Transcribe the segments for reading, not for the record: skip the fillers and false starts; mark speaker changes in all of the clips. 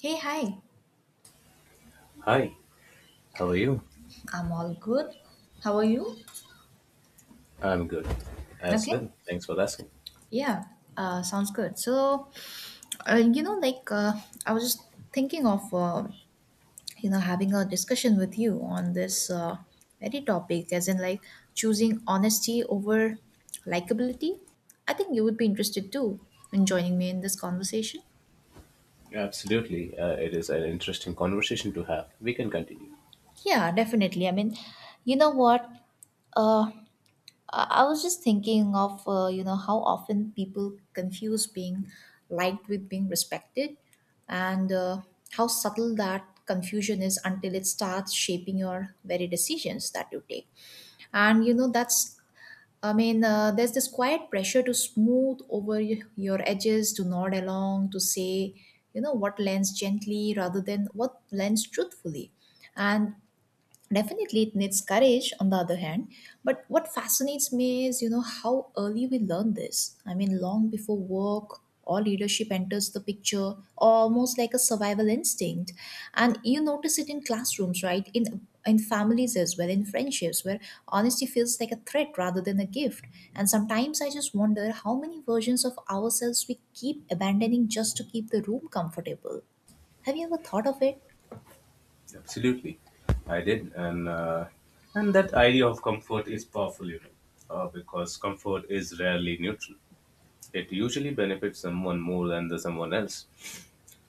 Speaker 1: Hey, hi.
Speaker 2: Hi, how are you?
Speaker 1: I'm all good. How are you?
Speaker 2: I'm good as
Speaker 1: Okay.
Speaker 2: well. Thanks for asking.
Speaker 1: Yeah, sounds good. Uh, you know, like, uh, I was just thinking of, having a discussion with you on this very topic, as in, like, choosing honesty over likability. I think you would be interested too in joining me in this conversation.
Speaker 2: Absolutely. It is an interesting conversation to have. We can continue.
Speaker 1: Yeah, definitely. I mean, you know what? Uh, I was just thinking of you know how often people confuse being liked with being respected, and how subtle that confusion is until it starts shaping your very decisions that you take. And you know that's I mean, there's this quiet pressure to smooth over your edges, to nod along, to say you know what lands gently rather than what lands truthfully, and definitely, it needs courage on the other hand. But what fascinates me is, you know, how early we learn this. I mean, long before work or leadership enters the picture, almost like a survival instinct. And you notice it in classrooms, right? In families as well, in friendships, where honesty feels like a threat rather than a gift. And sometimes I just wonder how many versions of ourselves we keep abandoning just to keep the room comfortable. Have you ever thought of it?
Speaker 2: Absolutely. I did. And that idea of comfort is powerful, because comfort is rarely neutral. It usually benefits someone more than the someone else.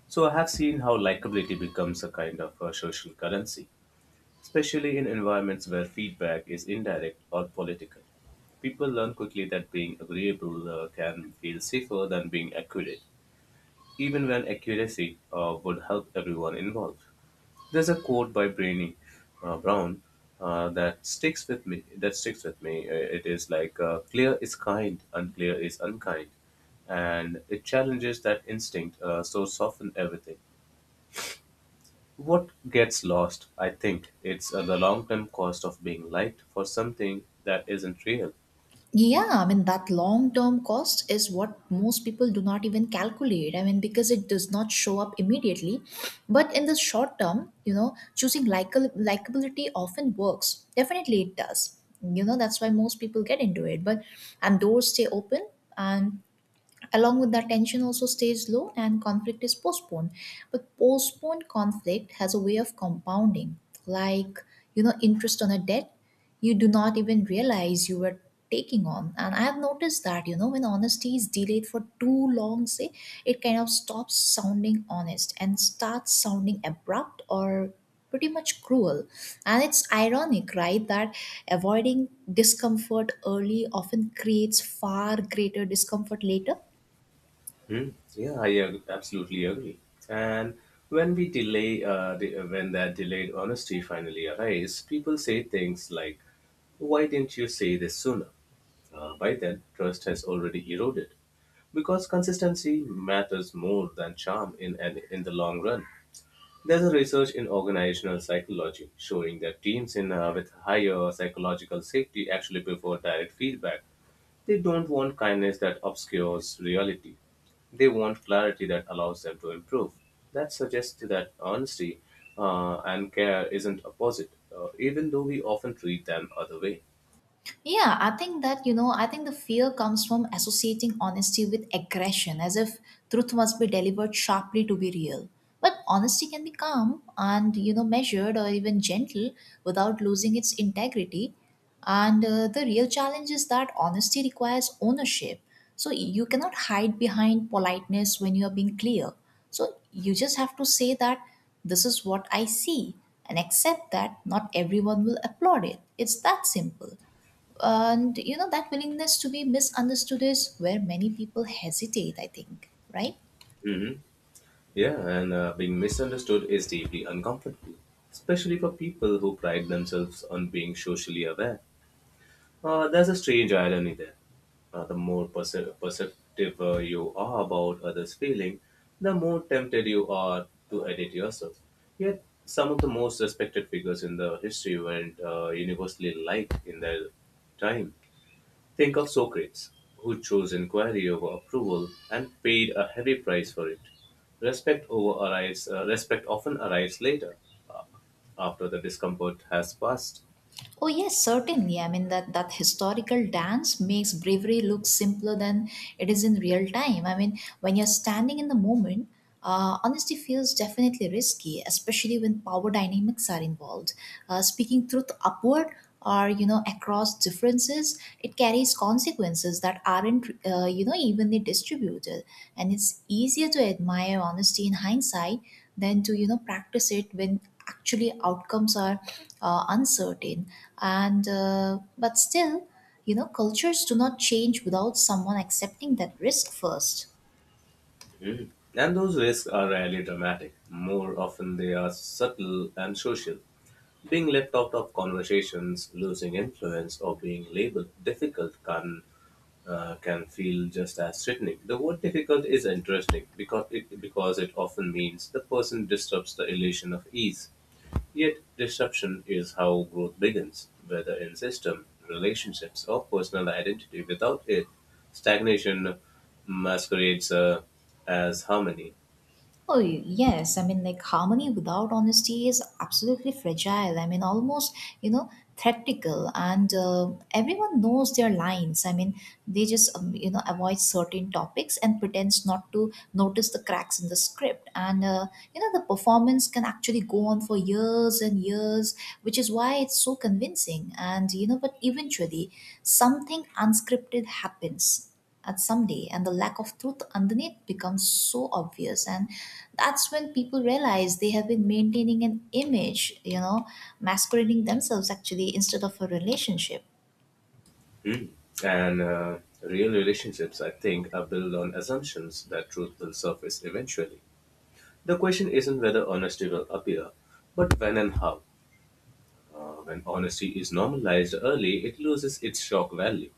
Speaker 2: So I have seen how likability becomes a kind of a social currency. Especially in environments where feedback is indirect or political, people learn quickly that being agreeable can feel safer than being accurate, even when accuracy would help everyone involved. There's a quote by Brainy Brown that sticks with me. That sticks with me. It is like clear is kind, unclear is unkind, and it challenges that instinct. So soften everything. What gets lost, I think, it's the long term cost of being liked for something that isn't real.
Speaker 1: Yeah, I mean, that long term cost is what most people do not even calculate. I mean, because it does not show up immediately. But in the short term, you know, choosing likable likability often works. Definitely it does. You know, that's why most people get into it. But, and doors stay open. And along with that, tension also stays low and conflict is postponed. But postponed conflict has a way of compounding, like, you know, interest on a debt you do not even realize you were taking on. And I have noticed that, you know, when honesty is delayed for too long, say, it kind of stops sounding honest and starts sounding abrupt or pretty much cruel. And it's ironic, right, that avoiding discomfort early often creates far greater discomfort later.
Speaker 2: Hmm. Yeah, absolutely agree. And when we delay, when that delayed honesty finally arrives, people say things like, "Why didn't you say this sooner?" By then, trust has already eroded because consistency matters more than charm in the long run. There's a research in organizational psychology showing that teams in with higher psychological safety actually prefer direct feedback. They don't want kindness that obscures reality. They want clarity that allows them to improve. That suggests that honesty and care isn't opposite, even though we often treat them other way.
Speaker 1: Yeah, I think that, you know, I think the fear comes from associating honesty with aggression, as if truth must be delivered sharply to be real. But honesty can be calm and, you know, measured or even gentle without losing its integrity. And the real challenge is that honesty requires ownership. So you cannot hide behind politeness when you are being clear. So you just have to say that this is what I see and accept that not everyone will applaud it. It's that simple, and you know that willingness to be misunderstood is where many people hesitate, I think, right?
Speaker 2: Hmm. Yeah, and being misunderstood is deeply uncomfortable, especially for people who pride themselves on being socially aware. There's a strange irony there. The more perceptive you are about others' feeling, the more tempted you are to edit yourself. Yet, some of the most respected figures in the history weren't universally liked in their time. Think of Socrates, who chose inquiry over approval and paid a heavy price for it. Respect over arrives. Respect often arrives later, after the discomfort has passed.
Speaker 1: Oh yes, certainly. I mean, that historical dance makes bravery look simpler than it is in real time. I mean, when you're standing in the moment, honesty feels definitely risky, especially when power dynamics are involved. Speaking truth upward or you know across differences, it carries consequences that aren't, you know, evenly distributed. And it's easier to admire honesty in hindsight than to, you know, practice it when actually outcomes are uncertain. And But still, you know, cultures do not change without someone accepting that risk first.
Speaker 2: And those risks are rarely dramatic. More often, they are subtle and social. Being left out of conversations, losing influence, or being labeled difficult can can feel just as threatening. The word difficult is interesting because it often means the person disrupts the illusion of ease. Yet disruption is how growth begins, whether in system, relationships, or personal identity. Without it, stagnation masquerades as harmony.
Speaker 1: Oh, yes. I mean, like harmony without honesty is absolutely fragile. I mean, almost, you know, theatrical. And everyone knows their lines. I mean, they just, you know, avoid certain topics and pretends not to notice the cracks in the script. And, you know, the performance can actually go on for years and years, which is why it's so convincing. And, you know, but eventually something unscripted happens at someday, and the lack of truth underneath becomes so obvious, and that's when people realize they have been maintaining an image, you know, masquerading themselves actually instead of a relationship.
Speaker 2: Mm. And real relationships, I think, are built on assumptions that truth will surface eventually. The question isn't whether honesty will appear, but when and how. When honesty is normalized early, it loses its shock value.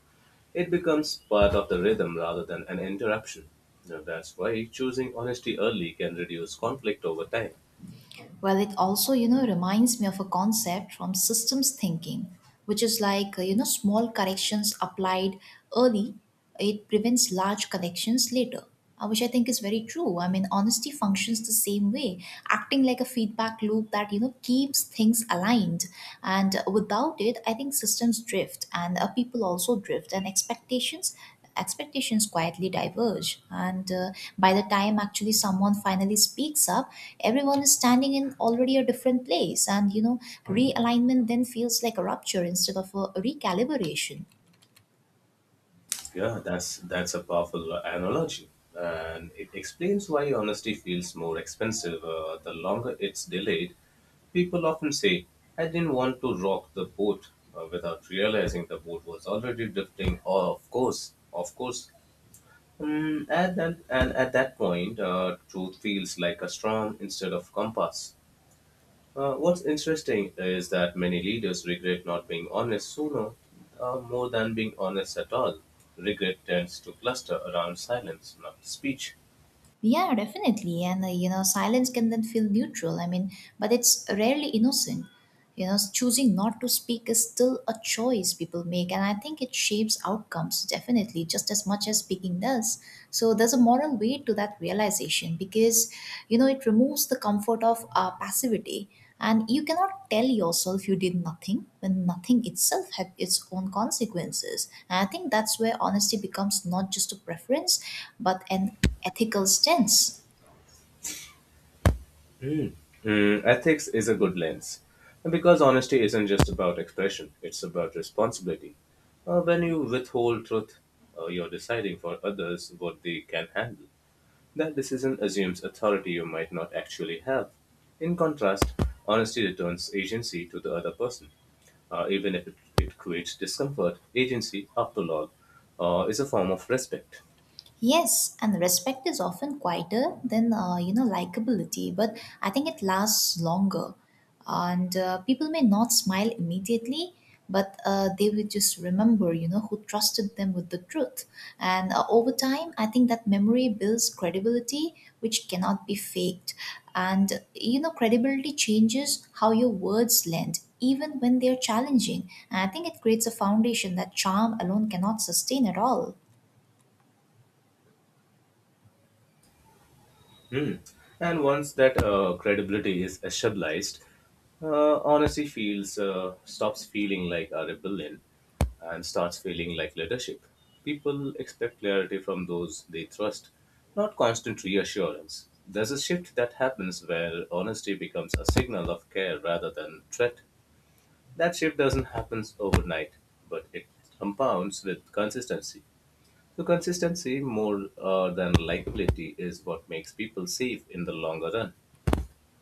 Speaker 2: It becomes part of the rhythm rather than an interruption. Now, that's why choosing honesty early can reduce conflict over time.
Speaker 1: Well, it also, you know, reminds me of a concept from systems thinking, which is like, you know, small corrections applied early, it prevents large corrections later, which I think is very true. I mean, honesty functions the same way, acting like a feedback loop that, you know, keeps things aligned. And without it, I think systems drift, and people also drift, and expectations quietly diverge, and by the time actually someone finally speaks up, everyone is standing in already a different place, and you know realignment then feels like a rupture instead of a recalibration.
Speaker 2: Yeah, that's a powerful analogy, and it explains why honesty feels more expensive the longer it's delayed. People often say, "I didn't want to rock the boat," without realizing the boat was already drifting. Oh, of course, of course. And at that point, truth feels like a strong instead of compass. What's interesting is that many leaders regret not being honest sooner more than being honest at all. Regret tends to cluster around silence, not speech.
Speaker 1: Yeah, definitely. And you know, silence can then feel neutral. I mean, but it's rarely innocent. You know, choosing not to speak is still a choice people make, and I think it shapes outcomes definitely just as much as speaking does. So there's a moral weight to that realization, because you know it removes the comfort of passivity, and you cannot tell yourself you did nothing when nothing itself had its own consequences. And I think that's where honesty becomes not just a preference but an ethical stance.
Speaker 2: Ethics is a good lens. And because honesty isn't just about expression, it's about responsibility. When you withhold truth, you're deciding for others what they can handle. That decision assumes authority you might not actually have. In contrast, honesty returns agency to the other person. Even if it creates discomfort. Agency, after all, is a form of respect.
Speaker 1: Yes, and respect is often quieter than, you know, likability, but I think it lasts longer. And people may not smile immediately, but they will just remember, you know, who trusted them with the truth. And over time, I think that memory builds credibility, which cannot be faked. And you know, credibility changes how your words land, even when they are challenging. And I think it creates a foundation that charm alone cannot sustain at all.
Speaker 2: Hmm. And once that credibility is established, honesty feels stops feeling like a rebellion and starts feeling like leadership. People expect clarity from those they trust, not constant reassurance. There's a shift that happens where honesty becomes a signal of care rather than threat. That shift doesn't happen overnight, but it compounds with consistency. So, consistency more than likability is what makes people safe in the longer run.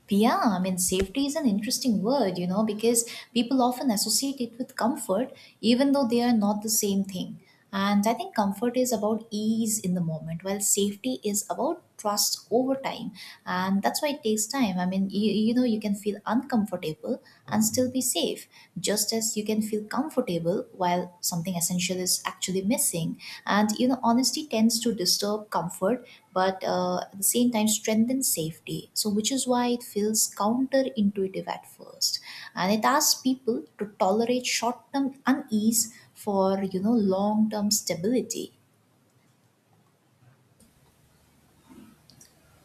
Speaker 1: Yeah, I mean, safety is an interesting word, you know, because people often associate it with comfort, even though they are not the same thing. And I think comfort is about ease in the moment, while safety is about trust over time. And that's why it takes time. I mean, you know, you can feel uncomfortable and still be safe, just as because you can feel comfortable while something essential is actually missing. And you know, honesty tends to disturb comfort, but at the same time strengthens safety. So, which is why it feels counterintuitive at first, and it asks people to tolerate short-term unease for you know long-term stability.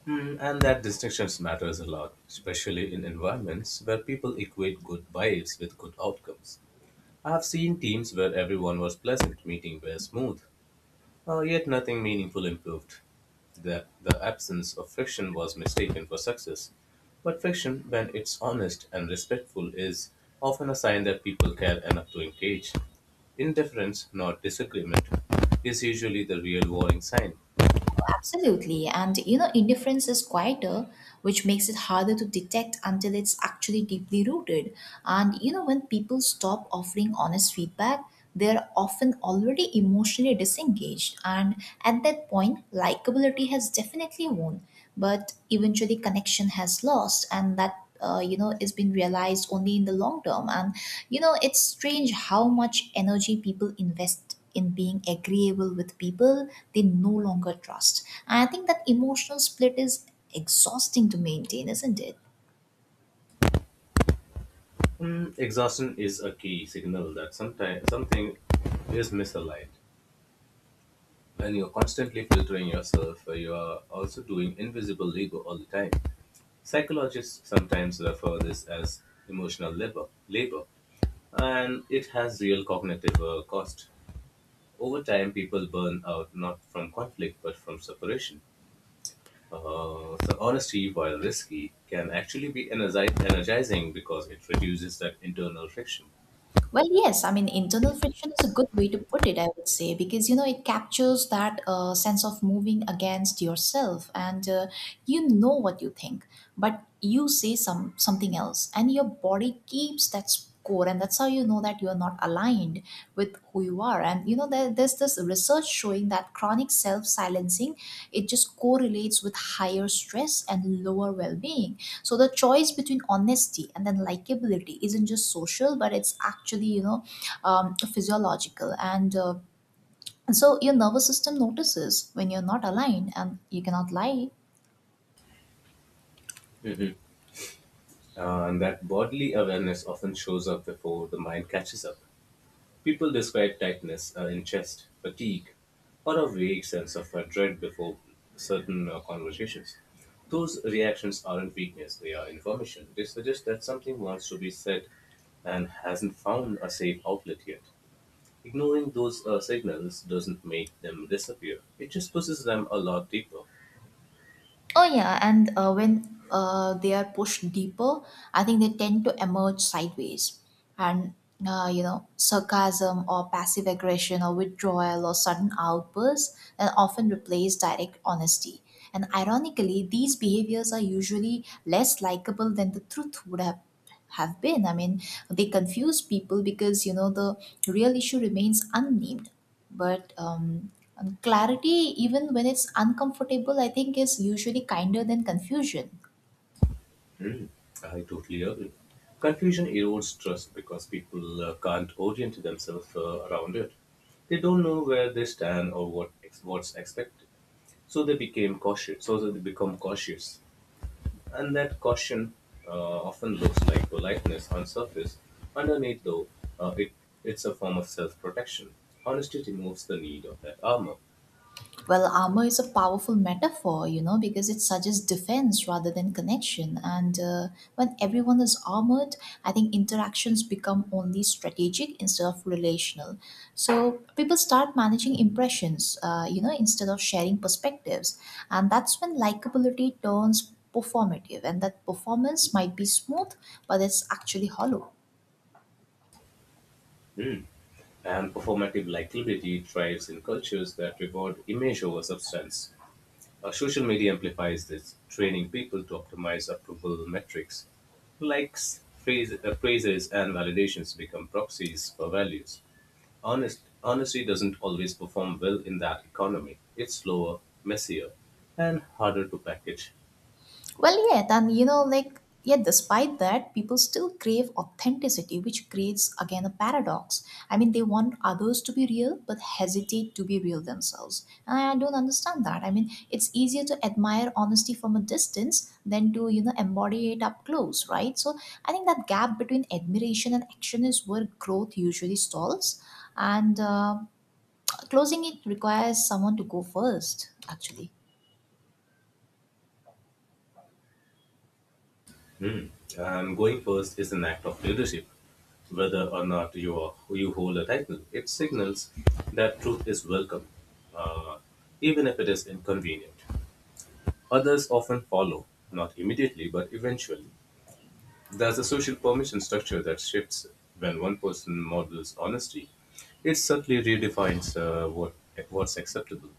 Speaker 2: And that distinction matters a lot, especially in environments where people equate good vibes with good outcomes. I have seen teams where everyone was pleasant, meeting were smooth, yet nothing meaningful improved. The absence of friction was mistaken for success. But friction, when it's honest and respectful, is often a sign that people care enough to engage. Indifference, not disagreement, is usually the real warning sign.
Speaker 1: Absolutely. And you know, indifference is quieter, which makes it harder to detect until it's actually deeply rooted. And you know, when people stop offering honest feedback, they're often already emotionally disengaged. And at that point, likability has definitely won, but eventually connection has lost. And that, you know, is been realized only in the long term. And you know, it's strange how much energy people invest in being agreeable with people they no longer trust. And I think that emotional split is exhausting to maintain, isn't it?
Speaker 2: Exhaustion is a key signal that sometimes something is misaligned. When you're constantly filtering yourself, you are also doing invisible labor all the time. Psychologists sometimes refer this as emotional labor, and it has real cognitive cost. Over time, people burn out not from conflict but from separation. So honesty, while risky, can actually be energizing because it reduces that internal friction.
Speaker 1: Well, yes. I mean, internal friction is a good way to put it, I would say, because you know it captures that sense of moving against yourself, and you know what you think, but you say something else, and your body keeps that score, and that's how you know that you're not aligned with who you are, and you know there's this research showing that chronic self-silencing, it just correlates with higher stress and lower well-being. So the choice between honesty and then likability isn't just social, but it's actually, you know, physiological, and so your nervous system notices when you're not aligned and you cannot lie.
Speaker 2: Mhm. And that bodily awareness often shows up before the mind catches up. People describe tightness in chest, fatigue, or a vague sense of dread before certain conversations. Those reactions aren't weakness, they are information. They suggest that something wants to be said and hasn't found a safe outlet yet. Ignoring those signals doesn't make them disappear, it just pushes them a lot deeper.
Speaker 1: Oh yeah, and when they are pushed deeper, I think they tend to emerge sideways, and you know, sarcasm or passive aggression or withdrawal or sudden outbursts and often replace direct honesty. And ironically, these behaviors are usually less likable than the truth would have been. I mean, they confuse people because you know the real issue remains unnamed. But clarity, even when it's uncomfortable, I think is usually kinder than confusion.
Speaker 2: I totally agree. Confusion erodes trust because people can't orient themselves around it. They don't know where they stand or what's expected, so they became cautious. So they become cautious, and that caution uh, often looks like politeness on surface. Underneath, though, uh, it it's a form of self-protection. Honesty removes the need of that armor.
Speaker 1: Well, armor is a powerful metaphor, you know, because it suggests defense rather than connection. And when everyone is armored, I think interactions become only strategic instead of relational. So people start managing impressions, you know, instead of sharing perspectives. And that's when likability turns performative, and that performance might be smooth, but it's actually hollow.
Speaker 2: Mm. And performative likability thrives in cultures that reward image over substance. Social media amplifies this, training people to optimize approval metrics. Likes, praises, and validations become proxies for values. Honesty doesn't always perform well in that economy. It's slower, messier, and harder to package.
Speaker 1: Well, yet, and you know, like, yet, despite that, people still crave authenticity, which creates again a paradox. I mean, they want others to be real, but hesitate to be real themselves. And I don't understand that. I mean, it's easier to admire honesty from a distance than to, you know, embody it up close, right? So I think that gap between admiration and action is where growth usually stalls. And closing it requires someone to go first, actually.
Speaker 2: Hmm. And going first is an act of leadership. Whether or not you are, you hold a title, it signals that truth is welcome, uh, even if it is inconvenient. Others often follow, not immediately but eventually. There's a social permission structure that shifts when one person models honesty. It subtly redefines what's acceptable.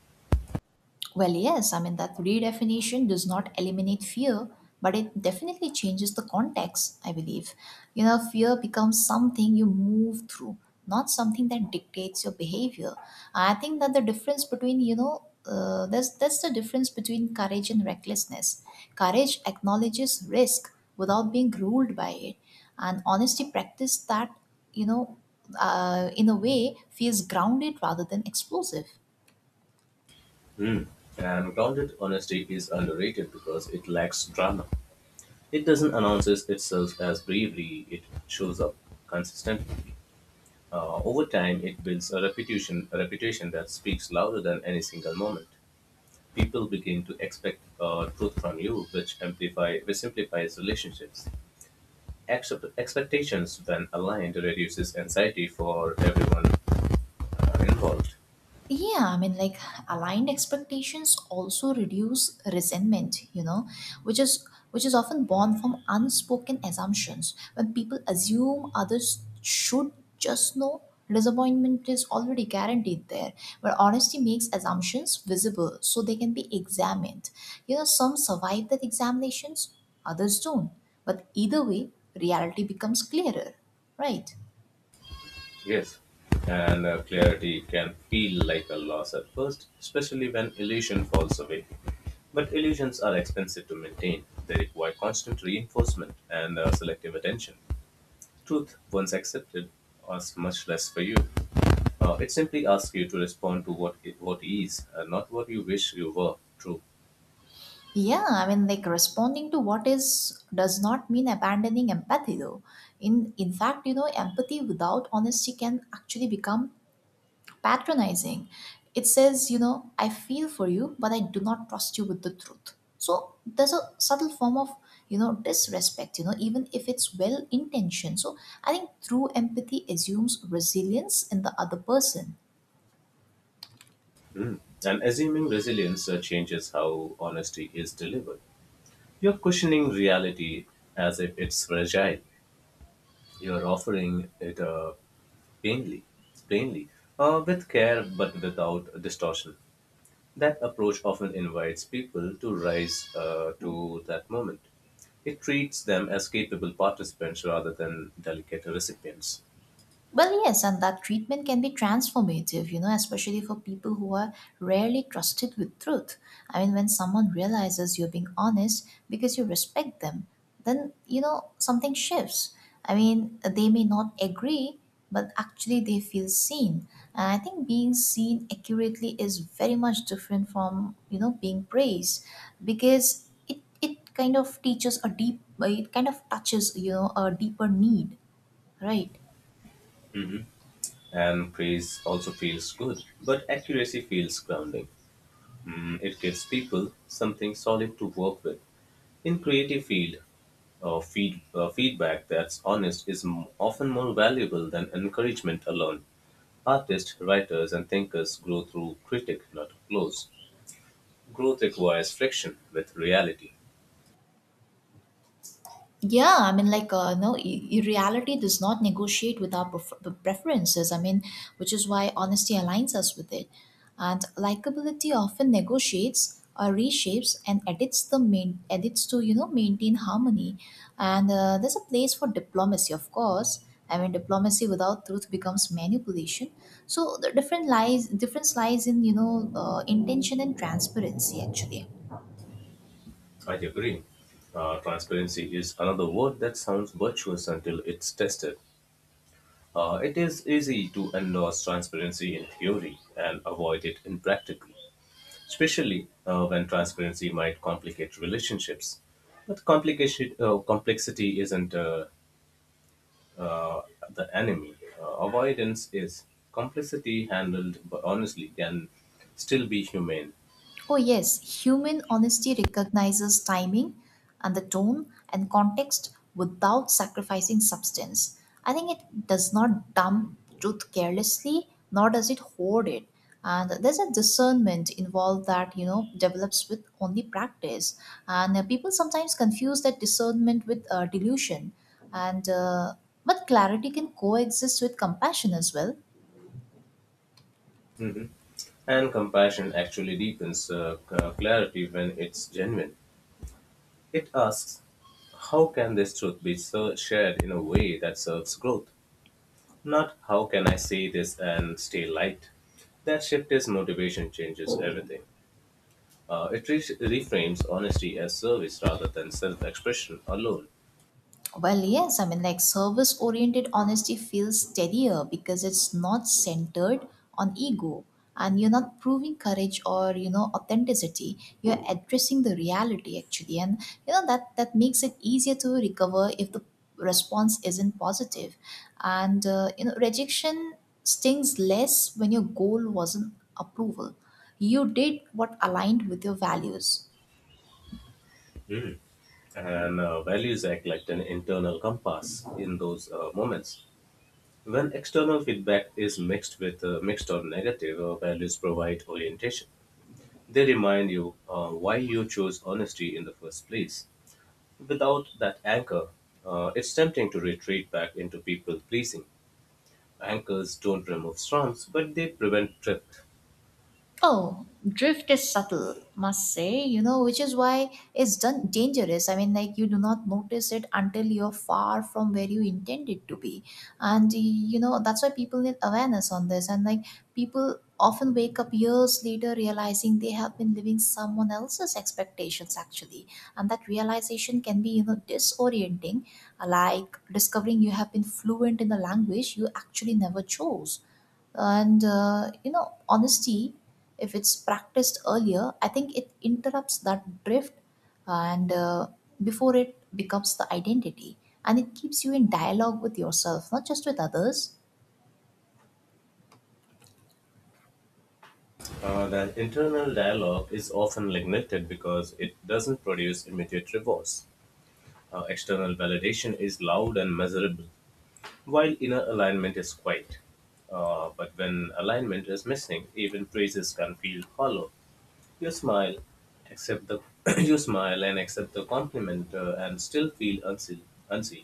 Speaker 1: Well, yes, I mean, that redefinition does not eliminate fear, but it definitely changes the context, I believe. You know, fear becomes something you move through, not something that dictates your behavior. I think that the difference between, you know, that's the difference between courage and recklessness. Courage acknowledges risk without being ruled by it, and honesty practice that, you know, in a way feels grounded rather than explosive.
Speaker 2: Hmm. And grounded honesty is underrated because it lacks drama. It doesn't announce itself as bravery. It shows up consistently. Over time, it builds a reputation that speaks louder than any single moment. People begin to expect truth from you, which amplify, which simplifies relationships. Accept Expectations, when aligned, reduces anxiety for everyone involved.
Speaker 1: Yeah, I mean, like aligned expectations also reduce resentment, you know, which is often born from unspoken assumptions. When people assume others should just know, disappointment is already guaranteed there. Where honesty makes assumptions visible so they can be examined. You know, some survive that examinations, others don't. But either way, reality becomes clearer, right?
Speaker 2: Yes, and clarity can feel like a loss at first, especially when illusion falls away. But illusions are expensive to maintain. They require constant reinforcement and selective attention. Truth, once accepted, asks much less for you. It simply asks you to respond to what is, not what you wish you were. True.
Speaker 1: Yeah, I mean, like responding to what is does not mean abandoning empathy, though. In fact, you know, empathy without honesty can actually become patronizing. It says, you know, I feel for you, but I do not trust you with the truth. So there's a subtle form of, you know, disrespect. You know, even if it's well intentioned. So I think true empathy assumes resilience in the other person.
Speaker 2: Mm. And assuming resilience changes how honesty is delivered. You're cushioning reality as if it's fragile. You're offering it plainly, plainly, with care but without distortion. That approach often invites people to rise to that moment. It treats them as capable participants rather than delicate recipients.
Speaker 1: Well, yes, and that treatment can be transformative, you know, especially for people who are rarely trusted with truth. I mean, when someone realizes you're being honest because you respect them, then, you know, something shifts. I mean, they may not agree, but actually they feel seen. And I think being seen accurately is very much different from, you know, being praised because it kind of teaches a deep, it kind of touches, you know, a deeper need, right?
Speaker 2: And praise also feels good, but accuracy feels grounding. It gives people something solid to work with. In creative field, feedback that's honest is m- often more valuable than encouragement alone. Artists, writers, and thinkers grow through critic, not applause. Growth requires friction with reality.
Speaker 1: Yeah, I mean, like, no, reality does not negotiate with our preferences. I mean, which is why honesty aligns us with it. And likability often negotiates or reshapes and edits the main edits to, you know, maintain harmony. And there's a place for diplomacy, of course. I mean, diplomacy without truth becomes manipulation. So the different lies difference lies in, you know, intention and transparency, actually.
Speaker 2: I agree. Transparency is another word that sounds virtuous until it's tested. It is easy to endorse transparency in theory and avoid it in practice, especially when transparency might complicate relationships. But complexity isn't uh, the enemy. Avoidance is. Complexity handled but honestly can still be humane.
Speaker 1: Oh, yes, human honesty recognizes timing and the tone and context without sacrificing substance. I think it does not dump truth carelessly, nor does it hoard it. And there's a discernment involved that, you know, develops with only practice. And people sometimes confuse that discernment with delusion. And, uh, but clarity can coexist with compassion as well.
Speaker 2: Mhm. And compassion actually deepens clarity when it's genuine. It asks, how can this truth be so shared in a way that serves growth? Not how can I say this and stay light? That shift is motivation changes everything. It reframes honesty as service rather than self expression alone.
Speaker 1: Well, yes, I mean, like service oriented honesty feels steadier because it's not centered on ego, and you're not proving courage or, you know, authenticity. You're addressing the reality, actually, and, you know, that that makes it easier to recover if the response isn't positive. And you know, rejection stings less when your goal wasn't approval. You did what aligned with your values.
Speaker 2: And values act like an internal compass in those moments. When external feedback is mixed or negative, values provide orientation. They remind you why you chose honesty in the first place. Without that anchor, it's tempting to retreat back into people pleasing. Anchors don't remove storms, but they prevent drift.
Speaker 1: Oh, drift is subtle, must say, you know, which is why it's done dangerous. I mean, like, you do not notice it until you're far from where you intended to be. And, you know, that's why people need awareness on this. And like people often wake up years later realizing they have been living someone else's expectations, actually. And that realization can be, you know, disorienting, like discovering you have been fluent in a language you actually never chose. And you know, honesty, if it's practiced earlier, I think it interrupts that drift, and before it becomes the identity. And it keeps you in dialogue with yourself, not just with others.
Speaker 2: The internal dialogue is often neglected because it doesn't produce immediate rewards. External validation is loud and measurable, while inner alignment is quiet. But when alignment is missing, even praises can feel hollow. You smile, accept the You smile and accept the compliment, and still feel unseen. Unseen.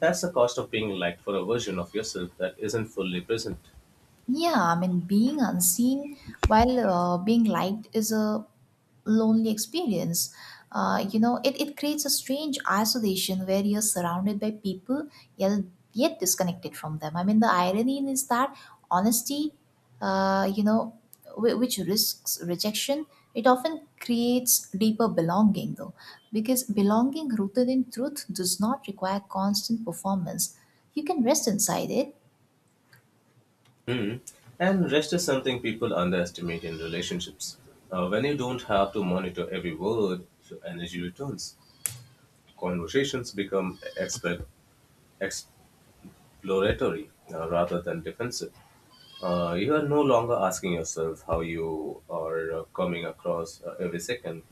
Speaker 2: That's the cost of being liked for a version of yourself that isn't fully present.
Speaker 1: Yeah, I mean, being unseen while being liked is a lonely experience. You know, it creates a strange isolation where you're surrounded by people yet, yet disconnected from them. I mean, the irony is that honesty, you know, which risks rejection, it often creates deeper belonging, though, because belonging rooted in truth does not require constant performance. You can rest inside it.
Speaker 2: Hmm. And rest is something people underestimate in relationships. When you don't have to monitor every word, your energy returns. Conversations become exploratory rather than defensive. You are no longer asking yourself how you are coming across every second.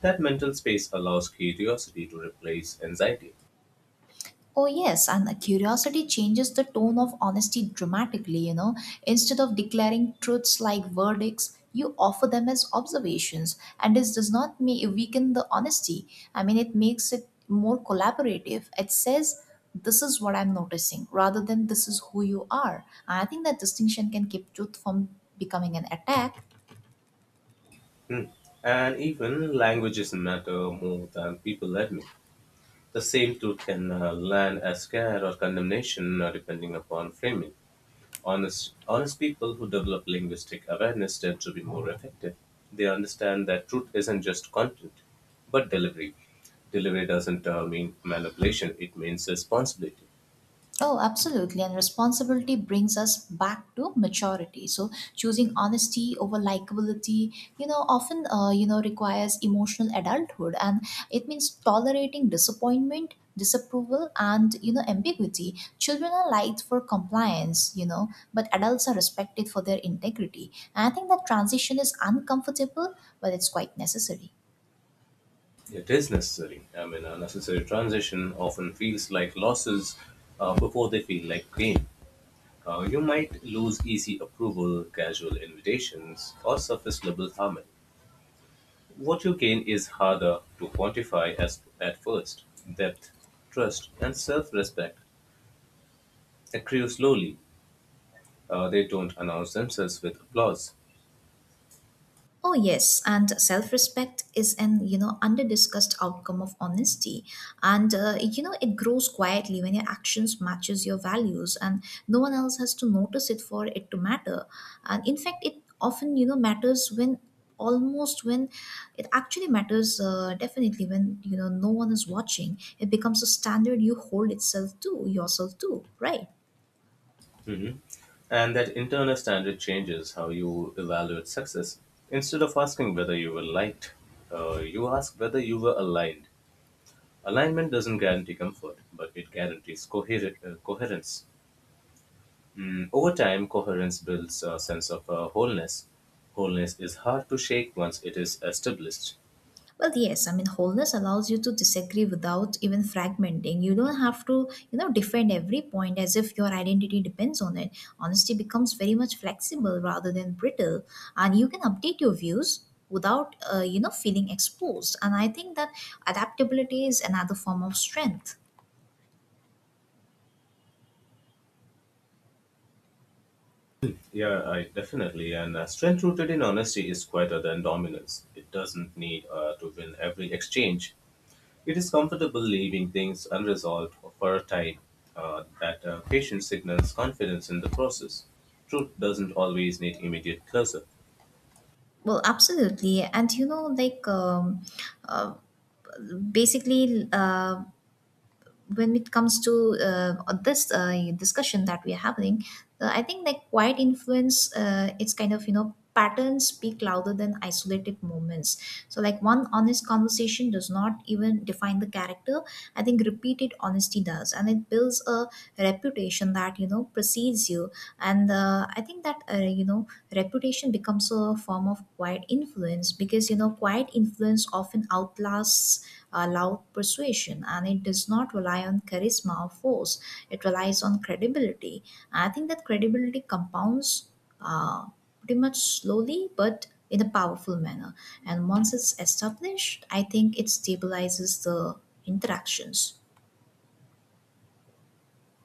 Speaker 2: That mental space allows curiosity to replace anxiety.
Speaker 1: Oh, yes, and the curiosity changes the tone of honesty dramatically, you know. Instead of declaring truths like verdicts, you offer them as observations, and this does not make, weaken the honesty. I mean, it makes it more collaborative. It says, this is what I'm noticing, rather than this is who you are. I think that distinction can keep truth from becoming an attack.
Speaker 2: Hmm. And even languages matter more than people admit. The same truth can land as care or condemnation depending upon framing. Honest people who develop linguistic awareness tend to be more effective. They understand that truth isn't just content, but delivery. Delivery doesn't mean manipulation, it means responsibility.
Speaker 1: Oh, absolutely. And responsibility brings us back to maturity. So choosing honesty over likability, you know, often, you know, requires emotional adulthood. And it means tolerating disappointment, disapproval, and, you know, ambiguity. Children are liked for compliance, you know, but adults are respected for their integrity. And I think that transition is uncomfortable, but it's quite necessary.
Speaker 2: It is necessary. I mean, a necessary transition often feels like losses before they feel like gain. You might lose easy approval, casual invitations, or surface level harmony. What you gain is harder to quantify as at first. Depth, trust, and self-respect accrue slowly. They don't announce themselves with applause.
Speaker 1: Oh yes, and self-respect is an, you know, under-discussed outcome of honesty, and you know, it grows quietly when your actions matches your values, and no one else has to notice it for it to matter. And in fact, it often, you know, matters when almost when it actually matters, definitely when, you know, no one is watching. It becomes a standard you hold itself to yourself to, right?
Speaker 2: Mhm. And that internal standard changes how you evaluate success. Instead of asking whether you were liked, you ask whether you were aligned. Alignment doesn't guarantee comfort, but it guarantees coherence. Over time, coherence builds a sense of wholeness. Wholeness is hard to shake once it is established.
Speaker 1: Well, yes, I mean, wholeness allows you to disagree without even fragmenting. You don't have to, you know, defend every point as if your identity depends on it. Honesty becomes very much flexible rather than brittle, and you can update your views without, you know, feeling exposed. And I think that adaptability is another form of strength.
Speaker 2: Yeah, I definitely. And strength rooted in honesty is quieter than dominance. It doesn't need to win every exchange. It is comfortable leaving things unresolved for a time. That patience signals confidence in the process. Truth doesn't always need immediate closure.
Speaker 1: Well, absolutely. And, you know, like, uh, basically, When it comes to this discussion that we are having, I think like quiet influence, it's kind of, you know, patterns speak louder than isolated moments. So like one honest conversation does not even define the character. I think repeated honesty does, and it builds a reputation that, you know, precedes you, and I think that, you know, reputation becomes a form of quiet influence, because, you know, quiet influence often outlasts loud persuasion, and it does not rely on charisma or force. It relies on credibility. I think that credibility compounds, uh, pretty much slowly but in a powerful manner, and once it's established, I think it stabilizes the interactions.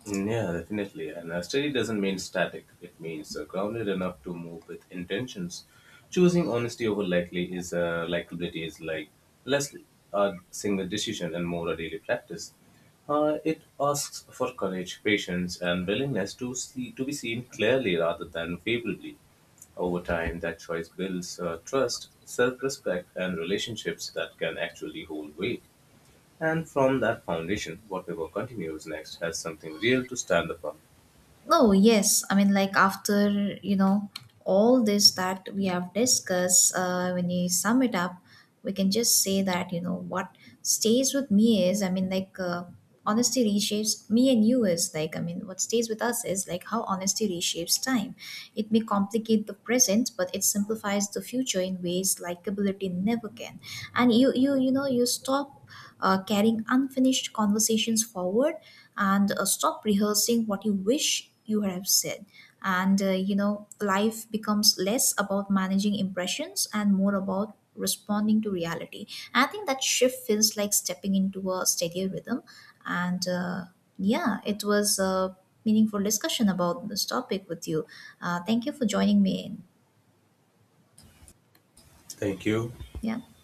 Speaker 2: Yeah, definitely. And steady doesn't mean static. It means grounded enough to move with intentions. Choosing honesty over likely is likability is like less a single decision and more a daily practice. It asks for courage, patience, and willingness to be seen clearly rather than favorably. Over time, that choice builds trust, self-respect, and relationships that can actually hold weight. And from that foundation, whatever continues next has something real to stand upon.
Speaker 1: Oh yes. I mean, like after, you know, all this that we have discussed, when you sum it up, we can just say that, you know, what stays with me is, I mean, like, honesty reshapes me and you is like, I mean, what stays with us is like how honesty reshapes time. It may complicate the present, but it simplifies the future in ways likability never can. And you know, you stop carrying unfinished conversations forward, and stop rehearsing what you wish you have said, and you know, life becomes less about managing impressions and more about responding to reality. I think that shift feels like stepping into a steadier rhythm. And yeah, it was a meaningful discussion about this topic with you. Thank you for joining me in.
Speaker 2: Thank you.
Speaker 1: Yeah.